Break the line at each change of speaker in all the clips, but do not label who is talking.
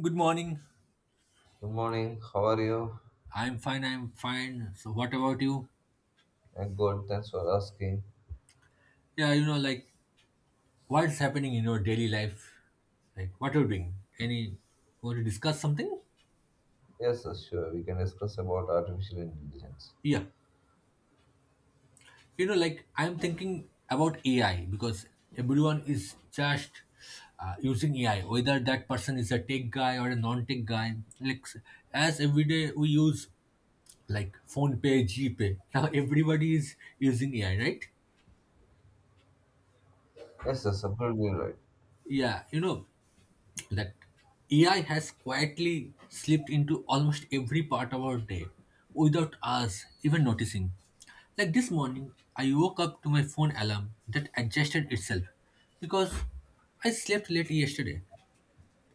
Good morning.
Good morning. How are you?
I'm fine. I'm fine. So, what about you?
I'm good. Thanks for asking.
Yeah, like what's happening in your daily life? Like, what are you doing? Any, want to discuss something?
Yes, yes, sure. We can discuss about artificial intelligence.
Yeah. Like I'm thinking about AI because everyone is just using AI, whether that person is a tech guy or a non tech guy. Like, as every day we use like phone pay, G pay. Now everybody is using AI, right?
Yes, yes, absolutely right.
Yeah. that AI has quietly slipped into almost every part of our day without us even noticing. Like this morning, I woke up to my phone alarm that adjusted itself because I slept late yesterday.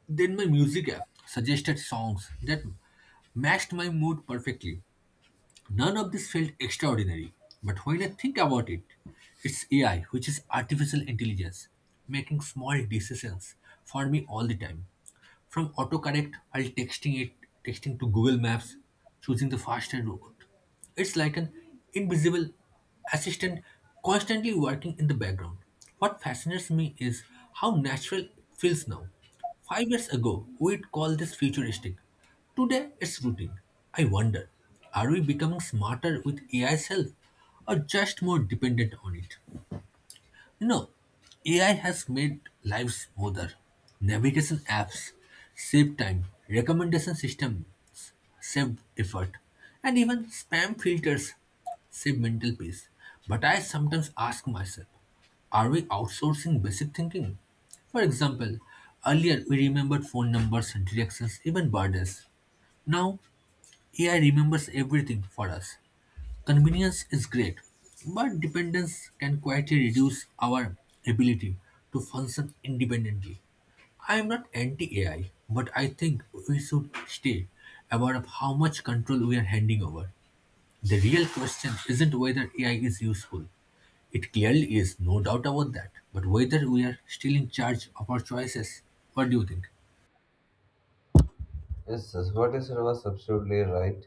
Then my music app suggested songs that matched my mood perfectly. None of this felt extraordinary, but when I think about it, it's AI, which is artificial intelligence, making small decisions for me all the time. From autocorrect while texting to Google Maps, choosing the faster route. It's like an invisible assistant constantly working in the background. What fascinates me is how natural it feels now. 5 years ago, we'd call this futuristic. Today it's routine. I wonder, are we becoming smarter with AI's help or just more dependent on it? You know, AI has made lives smoother. Navigation apps save time, recommendation systems save effort, and even spam filters save mental peace. But I sometimes ask myself, are we outsourcing basic thinking? For example, earlier we remembered phone numbers, directions, even birthdays. Now AI remembers everything for us. Convenience is great, but dependence can quietly reduce our ability to function independently. I am not anti AI, but I think we should stay aware of how much control we are handing over. The real question isn't whether AI is useful. It clearly is, no doubt about that. But whether we are still in charge of our choices, what do you think?
Yes, yes. What is it was absolutely right.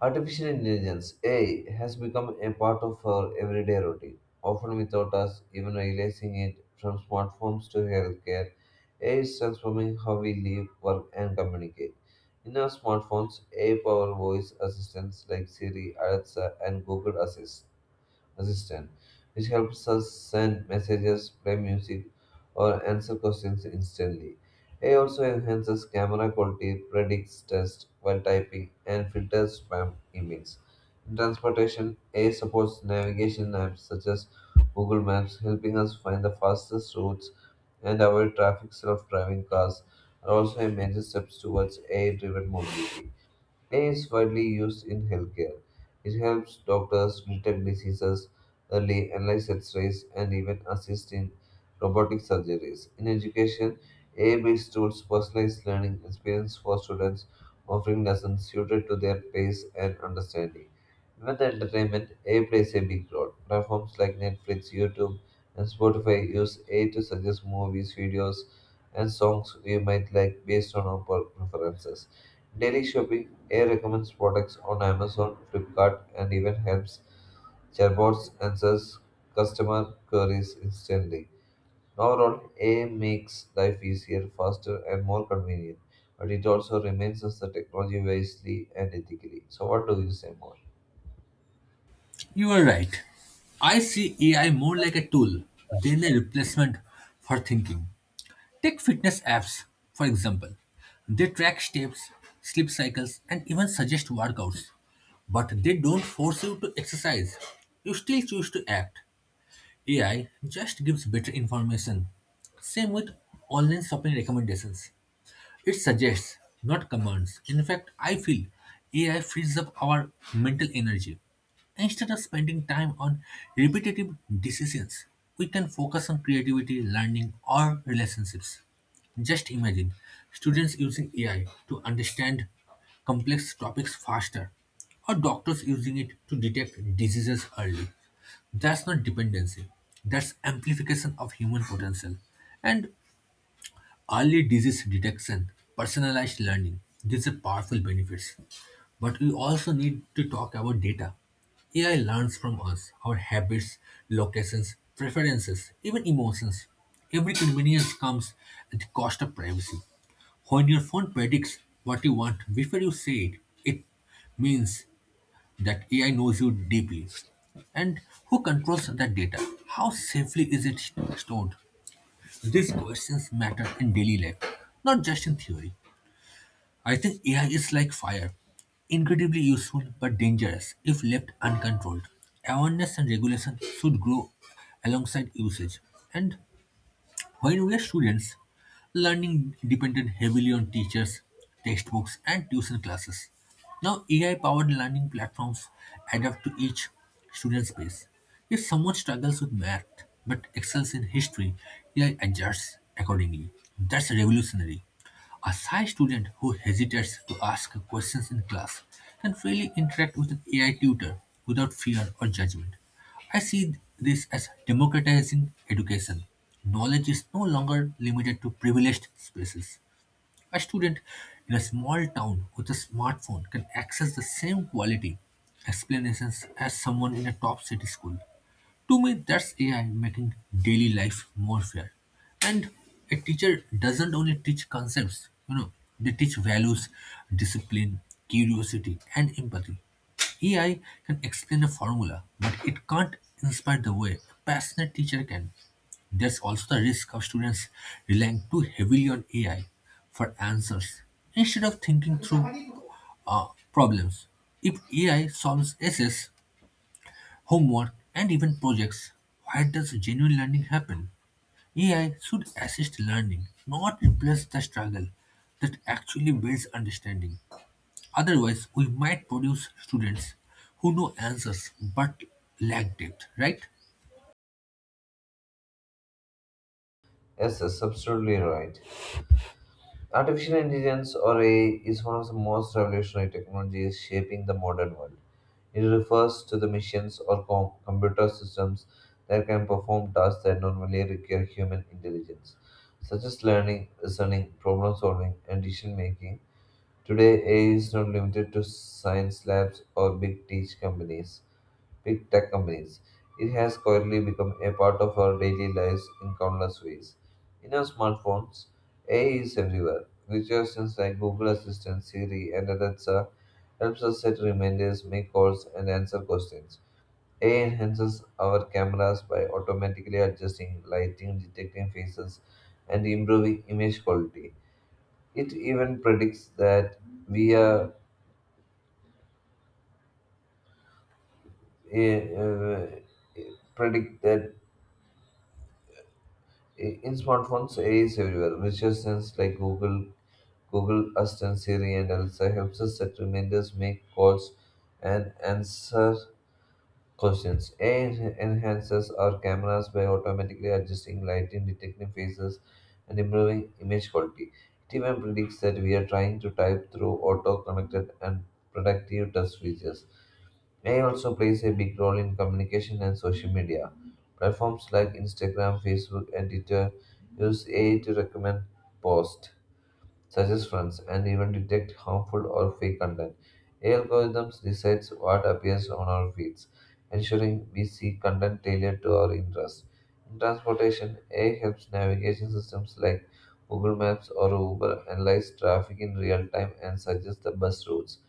Artificial intelligence (AI) has become a part of our everyday routine, often without us even realizing it. From smartphones to healthcare, AI is transforming how we live, work, and communicate. In our smartphones, AI-powered voice assistants like Siri, Alexa, and Google assistant, which helps us send messages, play music, or answer questions instantly. AI also enhances camera quality, predicts text while typing, and filters spam emails. In transportation, AI supports navigation apps such as Google Maps, helping us find the fastest routes and avoid traffic. Self-driving cars are also a major step towards AI-driven mobility. A I is widely used in healthcare. It helps doctors detect diseases early, analyze X-rays, and even assist in robotic surgeries. In education, AI-based tools personalize learning experience for students, offering lessons suited to their pace and understanding. Even the entertainment, AI plays a big role. Platforms like Netflix, YouTube, and Spotify use AI to suggest movies, videos, and songs we might like based on our preferences. Daily shopping AI recommends products on Amazon, Flipkart, and even helps chatbots answer customer queries instantly. Overall, AI makes life easier, faster, and more convenient, but it also reminds us the technology wisely and ethically. So, what do you say more?
You are right. I see AI more like a tool than a replacement for thinking. Take fitness apps, for example. They track steps, sleep cycles, and even suggest workouts. But they don't force you to exercise. You still choose to act. AI just gives better information. Same with online shopping recommendations. It suggests, not commands. In fact, I feel AI frees up our mental energy. Instead of spending time on repetitive decisions, we can focus on creativity, learning, or relationships. Just imagine students using AI to understand complex topics faster, or doctors using it to detect diseases early. That's not dependency, that's amplification of human potential. And early disease detection, personalized learning, these are powerful benefits. But we also need to talk about data. AI learns from us, our habits, locations, preferences, even emotions. Every convenience comes at the cost of privacy. When your phone predicts what you want before you say it, it means that AI knows you deeply. And who controls that data? How safely is it stored? These questions matter in daily life, not just in theory. I think AI is like fire, incredibly useful but dangerous if left uncontrolled. Awareness and regulation should grow alongside usage. And when we were students, learning depended heavily on teachers, textbooks, and tuition classes. Now, AI-powered learning platforms adapt to each student's pace. If someone struggles with math but excels in history, AI adjusts accordingly. That's revolutionary. A shy student who hesitates to ask questions in class can freely interact with an AI tutor without fear or judgment. I see this as democratizing education. Knowledge is no longer limited to privileged spaces. A student in a small town with a smartphone can access the same quality explanations as someone in a top city school. To me, that's AI making daily life more fair. And a teacher doesn't only teach concepts, you know, they teach values, discipline, curiosity, and empathy. AI can explain a formula, but it can't inspire the way a passionate teacher can. There's also the risk of students relying too heavily on AI for answers instead of thinking through uh, problems. If AI solves essays, homework, and even projects. Where does genuine learning happen? AI should assist learning, not replace the struggle that actually builds understanding. Otherwise, we might produce students who know answers but lack depth, right?
Yes, that's absolutely right. Artificial intelligence or AI is one of the most revolutionary technologies shaping the modern world. It refers to the machines or computer systems that can perform tasks that normally require human intelligence, such as learning, reasoning, problem solving, and decision making. Today, AI is not limited to science labs or big tech companies, it has quietly become a part of our daily lives in countless ways. In our smartphones, AI is everywhere. Virtual assistants like Google Assistant, Siri, and Alexa helps us set reminders, make calls, and answer questions. AI enhances our cameras by automatically adjusting lighting, detecting faces, and improving image quality. It even predicts that we are uh, uh, predict that in smartphones, AI is everywhere. Which assistants like Google Assistant, Siri, and Alexa helps us set reminders, make calls, and answer questions. AI enhances our cameras by automatically adjusting lighting, detecting faces, and improving image quality. It even predicts that we are trying to type through auto-connected and productive touch features. AI also plays a big role in communication and social media. Platforms like Instagram, Facebook, and Twitter use AI to recommend posts, such as friends and even detect harmful or fake content. AI algorithms decides what appears on our feeds, ensuring we see content tailored to our interests. In transportation, AI helps navigation systems like Google Maps or Uber analyze traffic in real time and suggest the best routes.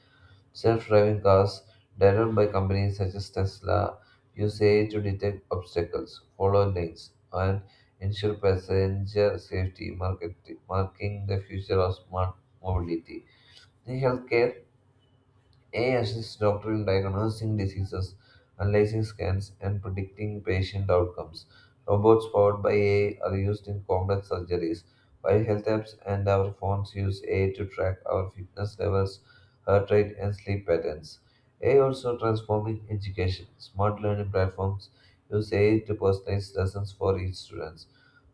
Self-driving cars, developed by companies such as Tesla, use AI to detect obstacles, follow lanes, and ensure passenger safety, marking the future of smart mobility. In healthcare, AI assists doctors in diagnosing diseases, analyzing scans, and predicting patient outcomes. Robots powered by AI are used in complex surgeries, while health apps and our phones use AI to track our fitness levels, heart rate, and sleep patterns. AI also transforming education. Smart learning platforms use AI to personalize lessons for each student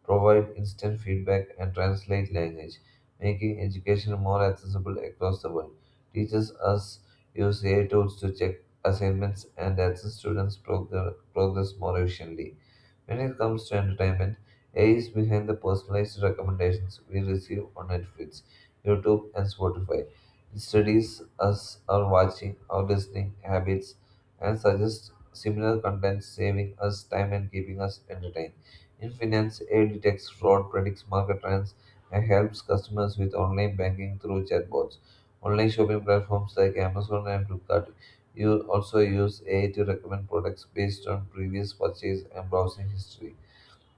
provide instant feedback, and translate language, making education more accessible across the world. Teachers us use AI tools to check assignments and assist students' progress more efficiently. When it comes to entertainment, AI is behind the personalized recommendations we receive on Netflix, YouTube, and Spotify. It studies us our watching, our listening habits, and suggests similar content, saving us time and keeping us entertained. In finance, AI detects fraud, predicts market trends, and helps customers with online banking through chatbots. Online shopping platforms like Amazon and Flipkart you also use AI to recommend products based on previous purchase and browsing history.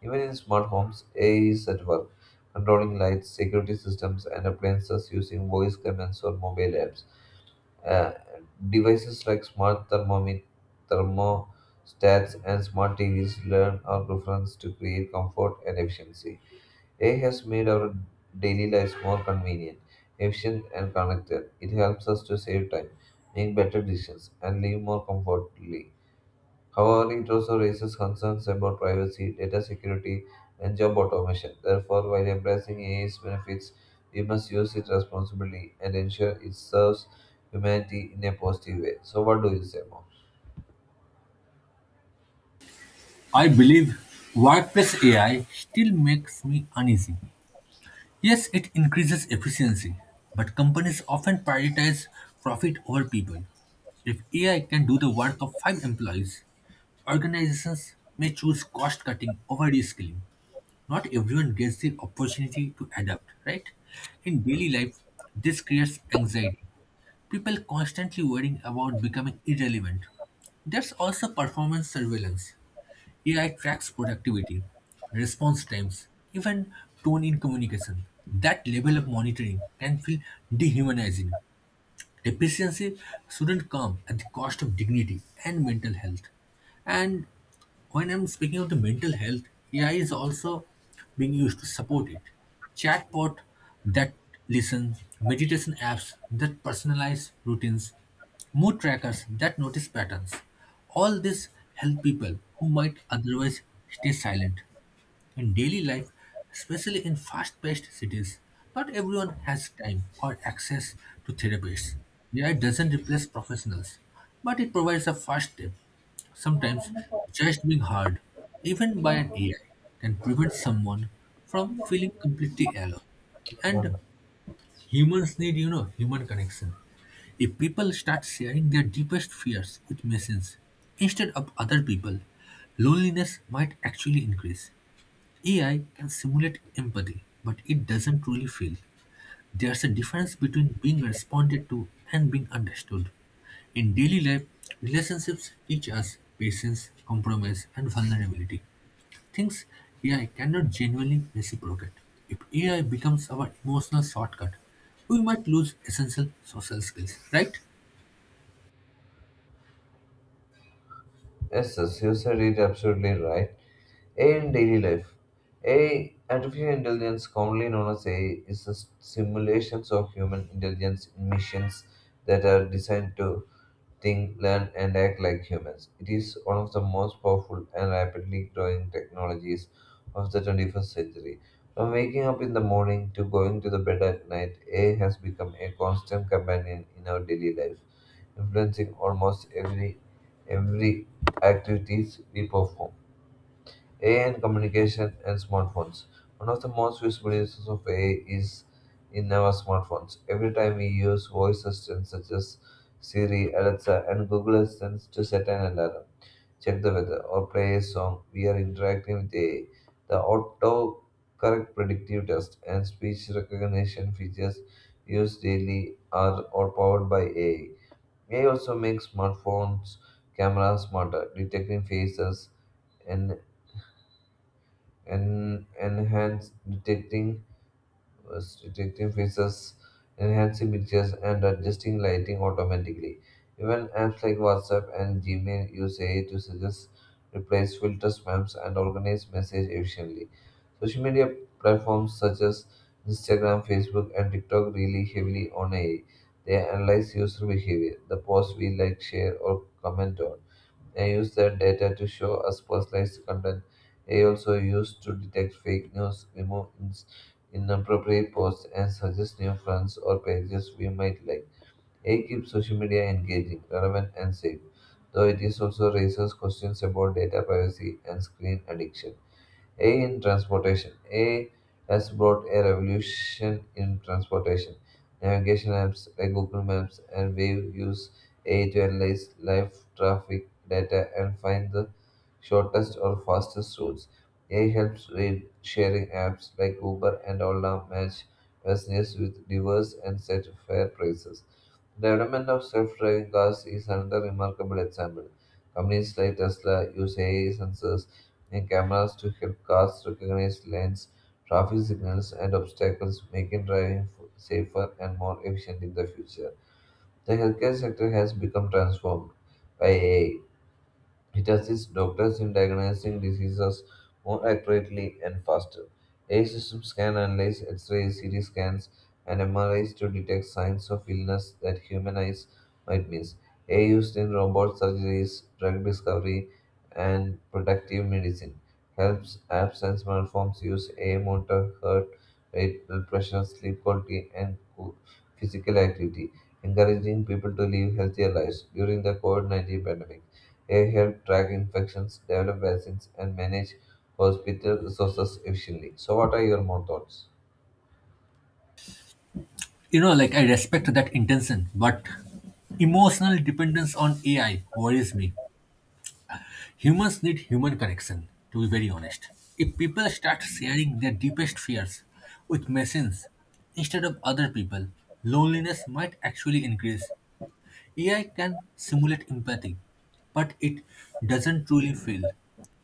Even in smart homes, AI is at work, controlling lights, security systems, and appliances using voice commands or mobile apps. Uh, Devices like smart thermostats and smart TVs learn our preference to create comfort and efficiency. AI has made our daily lives more convenient, efficient, and connected. It helps us to save time, make better decisions, and live more comfortably. However, it also raises concerns about privacy, data security, and job automation. Therefore, while embracing AI's benefits, we must use it responsibly and ensure it serves humanity in a positive way. So, what do you say, Mom?
I believe workplace AI still makes me uneasy. Yes, it increases efficiency, but companies often prioritize profit over people. If AI can do the work of five employees, organizations may choose cost cutting over reskilling. Not everyone gets the opportunity to adapt, right? In daily life, this creates anxiety. People constantly worrying about becoming irrelevant. There's also performance surveillance. AI tracks productivity, response times, even tone in communication. That level of monitoring can feel dehumanizing. Efficiency shouldn't come at the cost of dignity and mental health. And when I'm speaking of the mental health, AI is also being used to support it. Chatbot that listen, meditation apps that personalize routines, mood trackers that notice patterns. All this help people who might otherwise stay silent. In daily life, especially in fast paced cities, not everyone has time or access to therapists. AI doesn't replace professionals, but it provides a first step. Sometimes, just being heard, even by an AI, can prevent someone from feeling completely alone. And humans need, human connection. If people start sharing their deepest fears with machines instead of other people, loneliness might actually increase. AI can simulate empathy, but it doesn't truly feel. There's a difference between being responded to and being understood. In daily life, relationships teach us patience, compromise, and vulnerability. Things AI cannot genuinely reciprocate. If AI becomes our emotional shortcut, we might lose essential social skills, right?
Yes, yes, you said it absolutely right. AI in daily life. AI, artificial intelligence, commonly known as AI, is a simulations of human intelligence in machines that are designed to think, learn, and act like humans. It is one of the most powerful and rapidly growing technologies of the 21st century. From waking up in the morning to going to the bed at night, AI has become a constant companion in our daily life, influencing almost every activities we perform. AI and communication and smartphones. One of the most useful uses of AI is in our smartphones. Every time we use voice assistants such as Siri, Alexa, and Google Assistant to set an alarm, check the weather, or play a song, we are interacting with AI. The autocorrect predictive test and speech recognition features used daily are all powered by AI. AI also makes smartphones cameras smarter, detecting faces, and and enhance detecting was detecting faces, enhancing pictures, and adjusting lighting automatically. Even apps like WhatsApp and Gmail use AI to suggest replies, filters spams, and organize messages efficiently. Social media platforms such as Instagram, Facebook, and TikTok rely heavily on AI. They analyze user behavior, the posts we like, share, or comment on and use that data to show us personalized content. AI also used to detect fake news, remove inappropriate posts, and suggest new friends or pages we might like. AI keeps social media engaging, relevant, and safe, though it is also raises questions about data privacy and screen addiction. A in transportation. A has brought a revolution in transportation. Navigation apps like Google Maps and Wave use A to analyze live traffic data and find the shortest or fastest routes. A helps ride sharing apps like Uber and Ola match passengers with diverse and set fair prices development of self-driving cars is another remarkable example. Companies like Tesla use AI sensors and cameras to help cars recognize lanes, traffic signals, and obstacles, making driving safer and more efficient in the future. The healthcare sector has become transformed by AI, it assists doctors in diagnosing diseases more accurately and faster. AI systems can analyze X rays, CT scans, and MRIs to detect signs of illness that human eyes might miss. AI used in robot surgeries, drug discovery, and protective medicine helps apps and smartphones use AI monitor heart rate, blood pressure, sleep quality, and physical activity, encouraging people to live healthier lives during the COVID 19 pandemic. They help track infections, develop vaccines, and manage hospital resources efficiently. So, what are your more thoughts?
Like I respect that intention, but emotional dependence on AI worries me. Humans need human connection, to be very honest. If people start sharing their deepest fears with machines instead of other people, loneliness might actually increase. AI can simulate empathy, but it doesn't truly feel.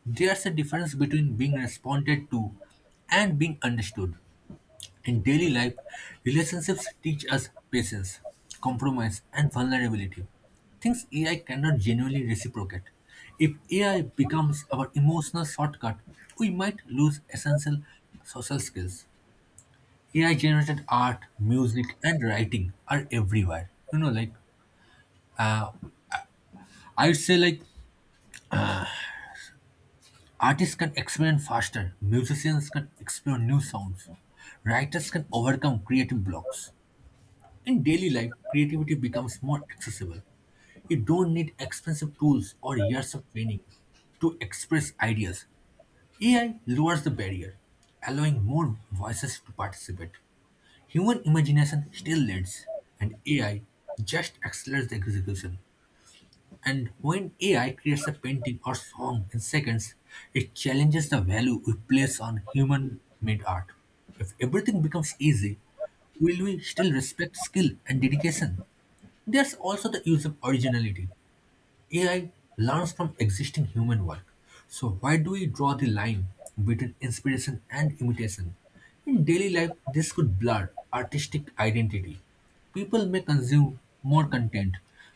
There's a difference between being responded to and being understood. In daily life, relationships teach us patience, compromise, and vulnerability. Things AI cannot genuinely reciprocate. If AI becomes our emotional shortcut, we might lose essential social skills. AI generated art, music, and writing are everywhere. Like I'd say like artists can experiment faster, musicians can explore new sounds, writers can overcome creative blocks. In daily life, creativity becomes more accessible. You don't need expensive tools or years of training to express ideas. AI lowers the barrier, allowing more voices to participate. Human imagination still leads, and AI just accelerates the execution. And when AI creates a painting or song in seconds, it challenges the value we place on human made art. If everything becomes easy, will we still respect skill and dedication? There's also the use of originality. AI learns from existing human work. So, why do we draw the line between inspiration and imitation? In daily life, this could blur artistic identity. People may consume more content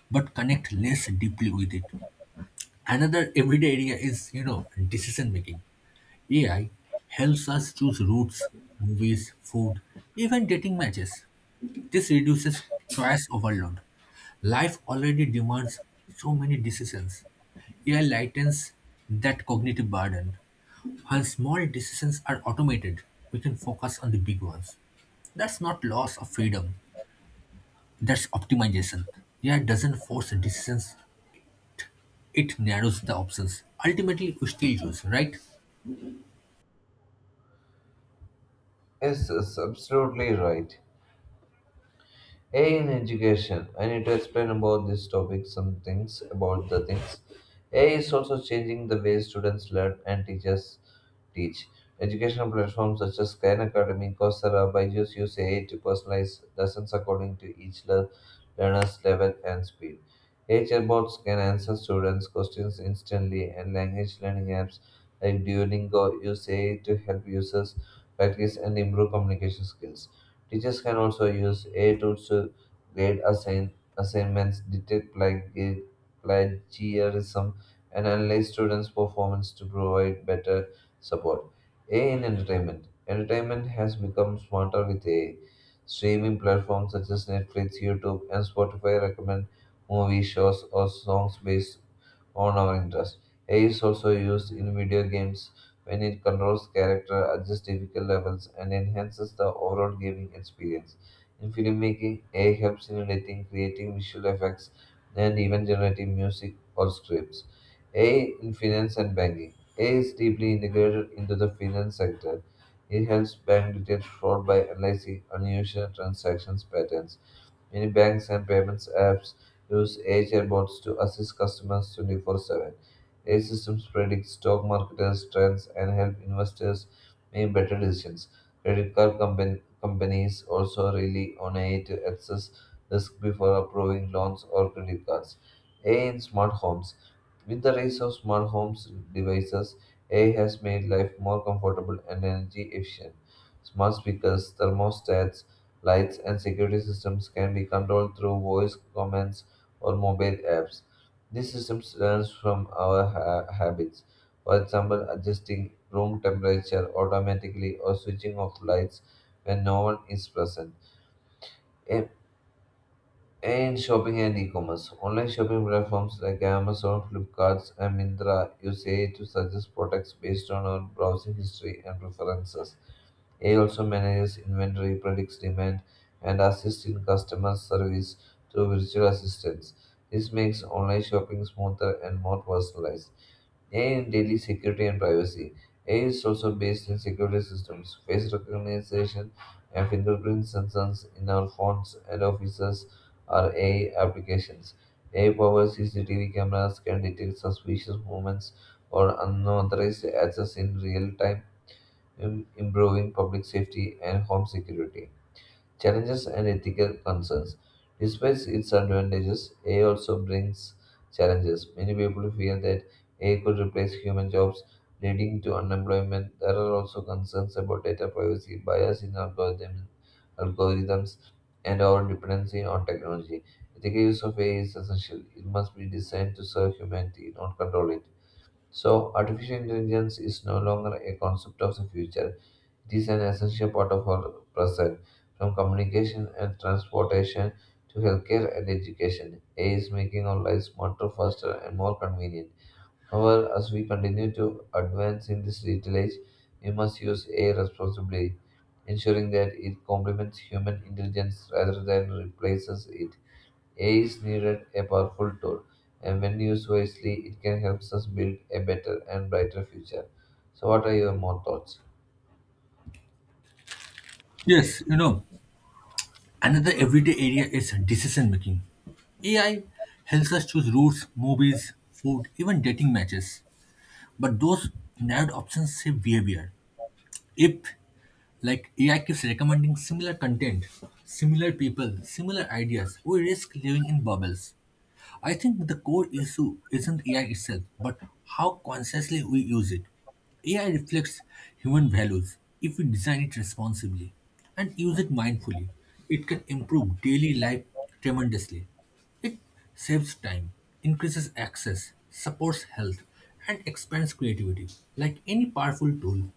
but connect less deeply with it. Another everyday area is, decision making. AI helps us choose routes, movies, food, even dating matches. This reduces choice overload. Life already demands so many decisions. AI lightens that cognitive burden. When small decisions are automated, we can focus on the big ones. That's not loss of freedom, that's optimization. AI doesn't force decisions, it narrows the options. Ultimately, we still choose, right?
Yes, that's absolutely right. AI in education. I need to explain about this topic some things about the things. AI is also changing the way students learn and teachers teach. Educational platforms such as Khan Academy, Coursera, Byju's use AI to personalize lessons according to each learner's level and speed. AI chatbots can answer students' questions instantly, and language learning apps like Duolingo use AI to help users practice and improve communication skills. Teachers can also use AI tools to grade assignments, detect plagiarism, and analyze students' performance to provide better support. AI in entertainment. Entertainment has become smarter with AI. Streaming platforms such as Netflix, YouTube, and Spotify recommend movie shows or songs based on our interest. AI is also used in video games when it controls character, adjusts difficult levels, and enhances the overall gaming experience. In filmmaking, AI helps in editing, creating visual effects, and even generating music or scripts. AI in finance and banking. AI is deeply integrated into the finance sector. It helps bank detect fraud by analyzing unusual transactions patterns Many banks and payments apps use AI bots to assist customers 24/7. AI systems predict stock market trends and help investors make better decisions. Credit card companies also rely on AI to assess risk before approving loans or credit cards. AI in smart homes. With the rise of smart homes devices, AI has made life more comfortable and energy efficient. Smart speakers, thermostats, lights, and security systems can be controlled through voice commands or mobile apps. These systems learn from our habits, for example, adjusting room temperature automatically or switching off lights when no one is present. A- In shopping and e-commerce, online shopping platforms like Amazon, Flipkart, and Myntra use AI to suggest products based on our browsing history and preferences. AI also manages inventory, predicts demand, and assists in customer service through virtual assistants. This makes online shopping smoother and more personalized. AI in daily security and privacy. AI is also based in security systems, face recognition, and fingerprint sensors in our phones and offices are AI applications. AI powered CCTV cameras can detect suspicious movements or unauthorized access in real time, improving public safety and home security. Challenges and ethical concerns. Despite its advantages, AI also brings challenges. Many people fear that AI could replace human jobs, leading to unemployment. There are also concerns about data privacy, bias in algorithms, and our dependency on technology. Ethical use of AI is essential. It must be designed to serve humanity, not control it. So, artificial intelligence is no longer a concept of the future. It is an essential part of our present, from communication and transportation to healthcare and education. AI is making our lives smarter, faster, and more convenient. However, as we continue to advance in this digital age, we must use AI responsibly, ensuring that it complements human intelligence rather than replaces it. AI is needed a powerful tool, and when used wisely, it can help us build a better and brighter future. So, what are your more thoughts?
Yes, another everyday area is decision making. AI helps us choose routes, movies, food, even dating matches. But those narrowed options shape behavior. If, like, AI keeps recommending similar content, similar people, similar ideas, we risk living in bubbles. I think the core issue isn't AI itself, but how consciously we use it. AI reflects human values if we design it responsibly and use it mindfully. It can improve daily life tremendously. It saves time, increases access, supports health, and expands creativity. Like any powerful tool,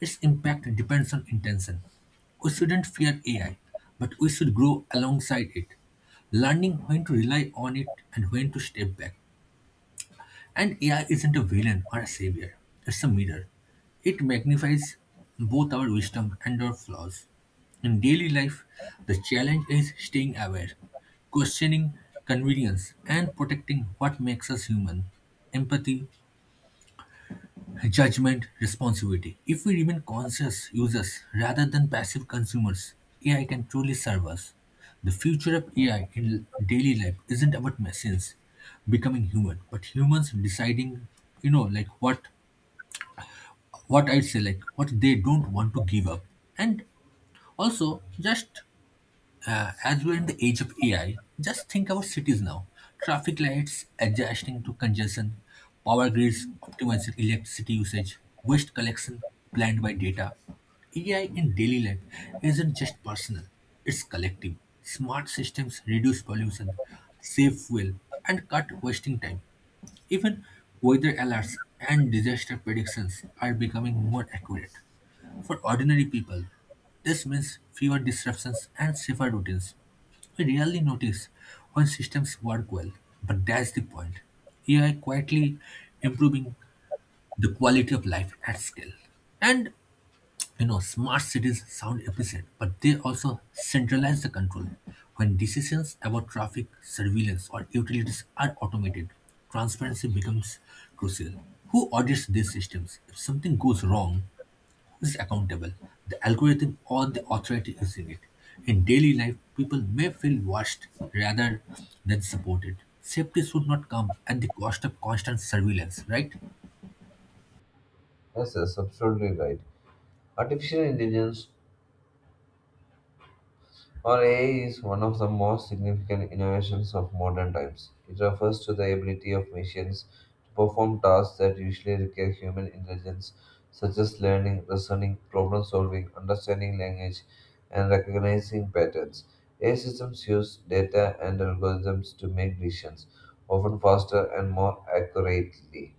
its impact depends on intention. We shouldn't fear AI, but we should grow alongside it learning when to rely on it and when to step back. And AI isn't a villain or a savior, it's a mirror. It magnifies both our wisdom and our flaws. In daily life, the challenge is staying aware, questioning convenience, and protecting what makes us human empathy, judgment, responsibility. If we remain conscious users rather than passive consumers, AI can truly serve us. The future of AI in daily life isn't about machines becoming human, but humans deciding, like what I'd say, like what they don't want to give up. And also just as we're in the age of AI, just think about cities now. Traffic lights adjusting to congestion, power grids optimizing electricity usage, waste collection planned by data. AI in daily life isn't just personal, it's collective. Smart systems reduce pollution, save fuel, and cut wasting time. Even weather alerts and disaster predictions are becoming more accurate. For ordinary people, this means fewer disruptions and safer routines. We rarely notice when systems work well, but that's the point. AI quietly improving the quality of life at scale. And smart cities sound efficient, but they also centralize the control. When decisions about traffic, surveillance, or utilities are automated, transparency becomes crucial. Who audits these systems? If something goes wrong, is accountable. The algorithm or the authority is in it. In daily life, people may feel watched rather than supported. Safety should not come at the cost of constant surveillance, right?
Yes, yes, absolutely right. Artificial intelligence or AI is one of the most significant innovations of modern times. It refers to the ability of machines to perform tasks that usually require human intelligence, such as learning, reasoning, problem solving, understanding language, and recognizing patterns. AI systems use data and algorithms to make decisions, often faster and more accurately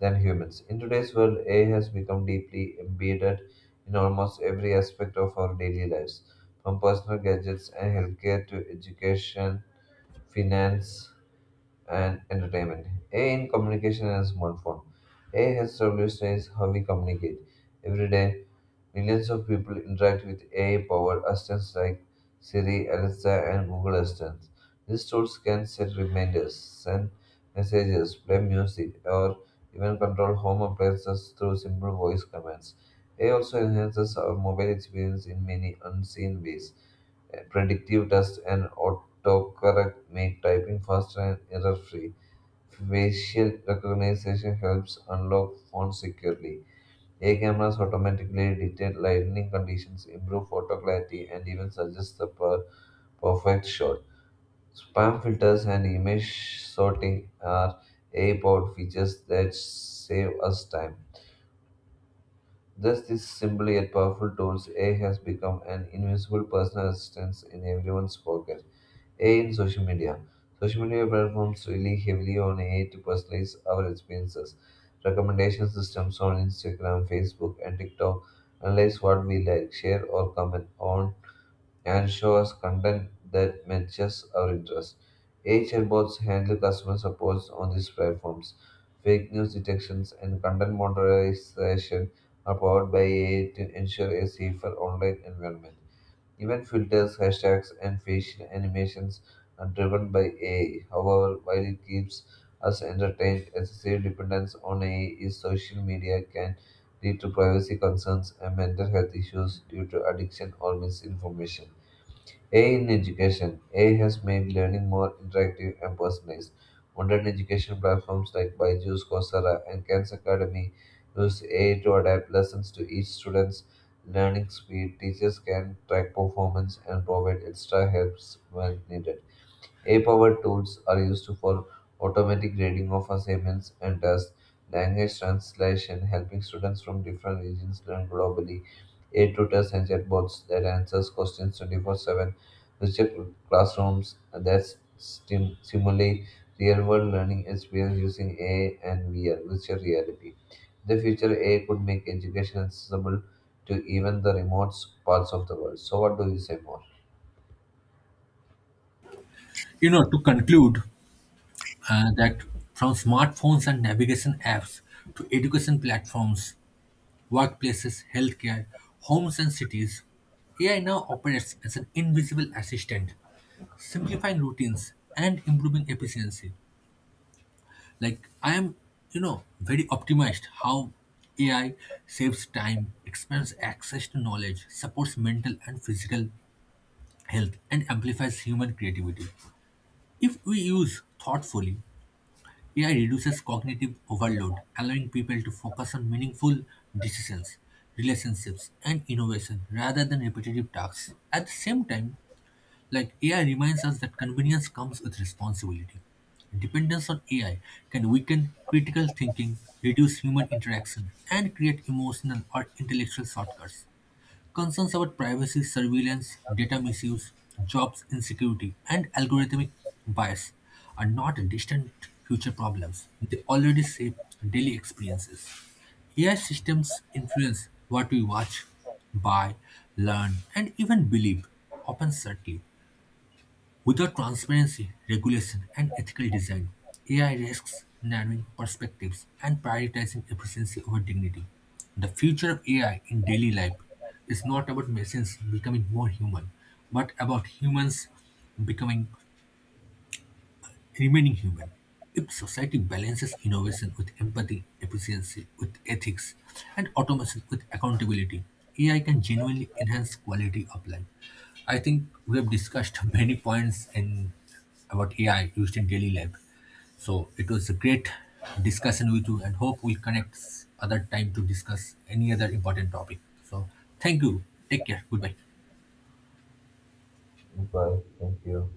than humans. In today's world, AI has become deeply embedded in almost every aspect of our daily lives, from personal gadgets and healthcare to education, finance, and entertainment. AI in communication and smartphone. AI has revolutionized how we communicate every day. Millions of people interact with AI-powered assistants like Siri, Alexa, and Google Assistant. These tools can set reminders, send messages, play music, or even control home appliances through simple voice commands. AI also enhances our mobile experience in many unseen ways. Predictive tests and autocorrect make typing faster and error-free. Facial recognition helps unlock phones securely. AI cameras automatically detect lighting conditions, improve photo clarity, and even suggest the perfect shot. Spam filters and image sorting are AI powered features that save us time. Just these simple yet powerful tools, AI has become an invisible personal assistant in everyone's pocket. AI in social media. Social media platforms rely heavily on AI to personalize our experiences. Recommendation systems on Instagram, Facebook, and TikTok analyze what we like, share, or comment on, and show us content that matches our interests. AI chatbots handle customer supports on these platforms. Fake news detections and content moderation are powered by AI to ensure a safer online environment. Even filters, hashtags, and facial animations are driven by AI. However, while it keeps us entertained, excessive dependence on AI is social media can lead to privacy concerns and mental health issues due to addiction or misinformation. AI in education. AI has made learning more interactive and personalized. Modern education platforms like Byju's, Coursera, and Khan Academy use AI to adapt lessons to each student's learning speed. Teachers can track performance and provide extra helps when needed. A powered tools are used for automatic grading of assignments and tasks, language translation, helping students from different regions learn globally, AI tutors and chatbots that answers questions 24/7, virtual classrooms that simulate real-world learning experience using AI and VR, virtual reality. In the future, AI could make education accessible to even the remote parts of the world. So, what do you say more?
You know, to conclude that from smartphones and navigation apps to education platforms, workplaces, healthcare, homes, and cities, AI now operates as an invisible assistant, simplifying routines and improving efficiency. Like I am, very optimized how AI saves time, expands access to knowledge, supports mental and physical health, and amplifies human creativity. If we use thoughtfully, AI reduces cognitive overload, allowing people to focus on meaningful decisions, relationships, and innovation rather than repetitive tasks. At the same time, like AI reminds us that convenience comes with responsibility. Dependence on AI can weaken critical thinking, reduce human interaction, and create emotional or intellectual shortcuts. Concerns about privacy, surveillance, data misuse, jobs insecurity, and algorithmic bias are not distant future problems. They already shape daily experiences. AI systems influence what we watch, buy, learn, and even believe, often subtly. Without transparency, regulation, and ethical design, AI risks narrowing perspectives and prioritizing efficiency over dignity. The future of AI in daily life is not about machines becoming more human, but about humans becoming remaining human. If society balances innovation with empathy, efficiency with ethics, and automation with accountability, AI can genuinely enhance quality of life. I think we have discussed many points in about AI used in daily life. So it was a great discussion with you, and hope we'll connect other time to discuss any other important topic. So thank you. Take care. Goodbye.
Bye. Thank you.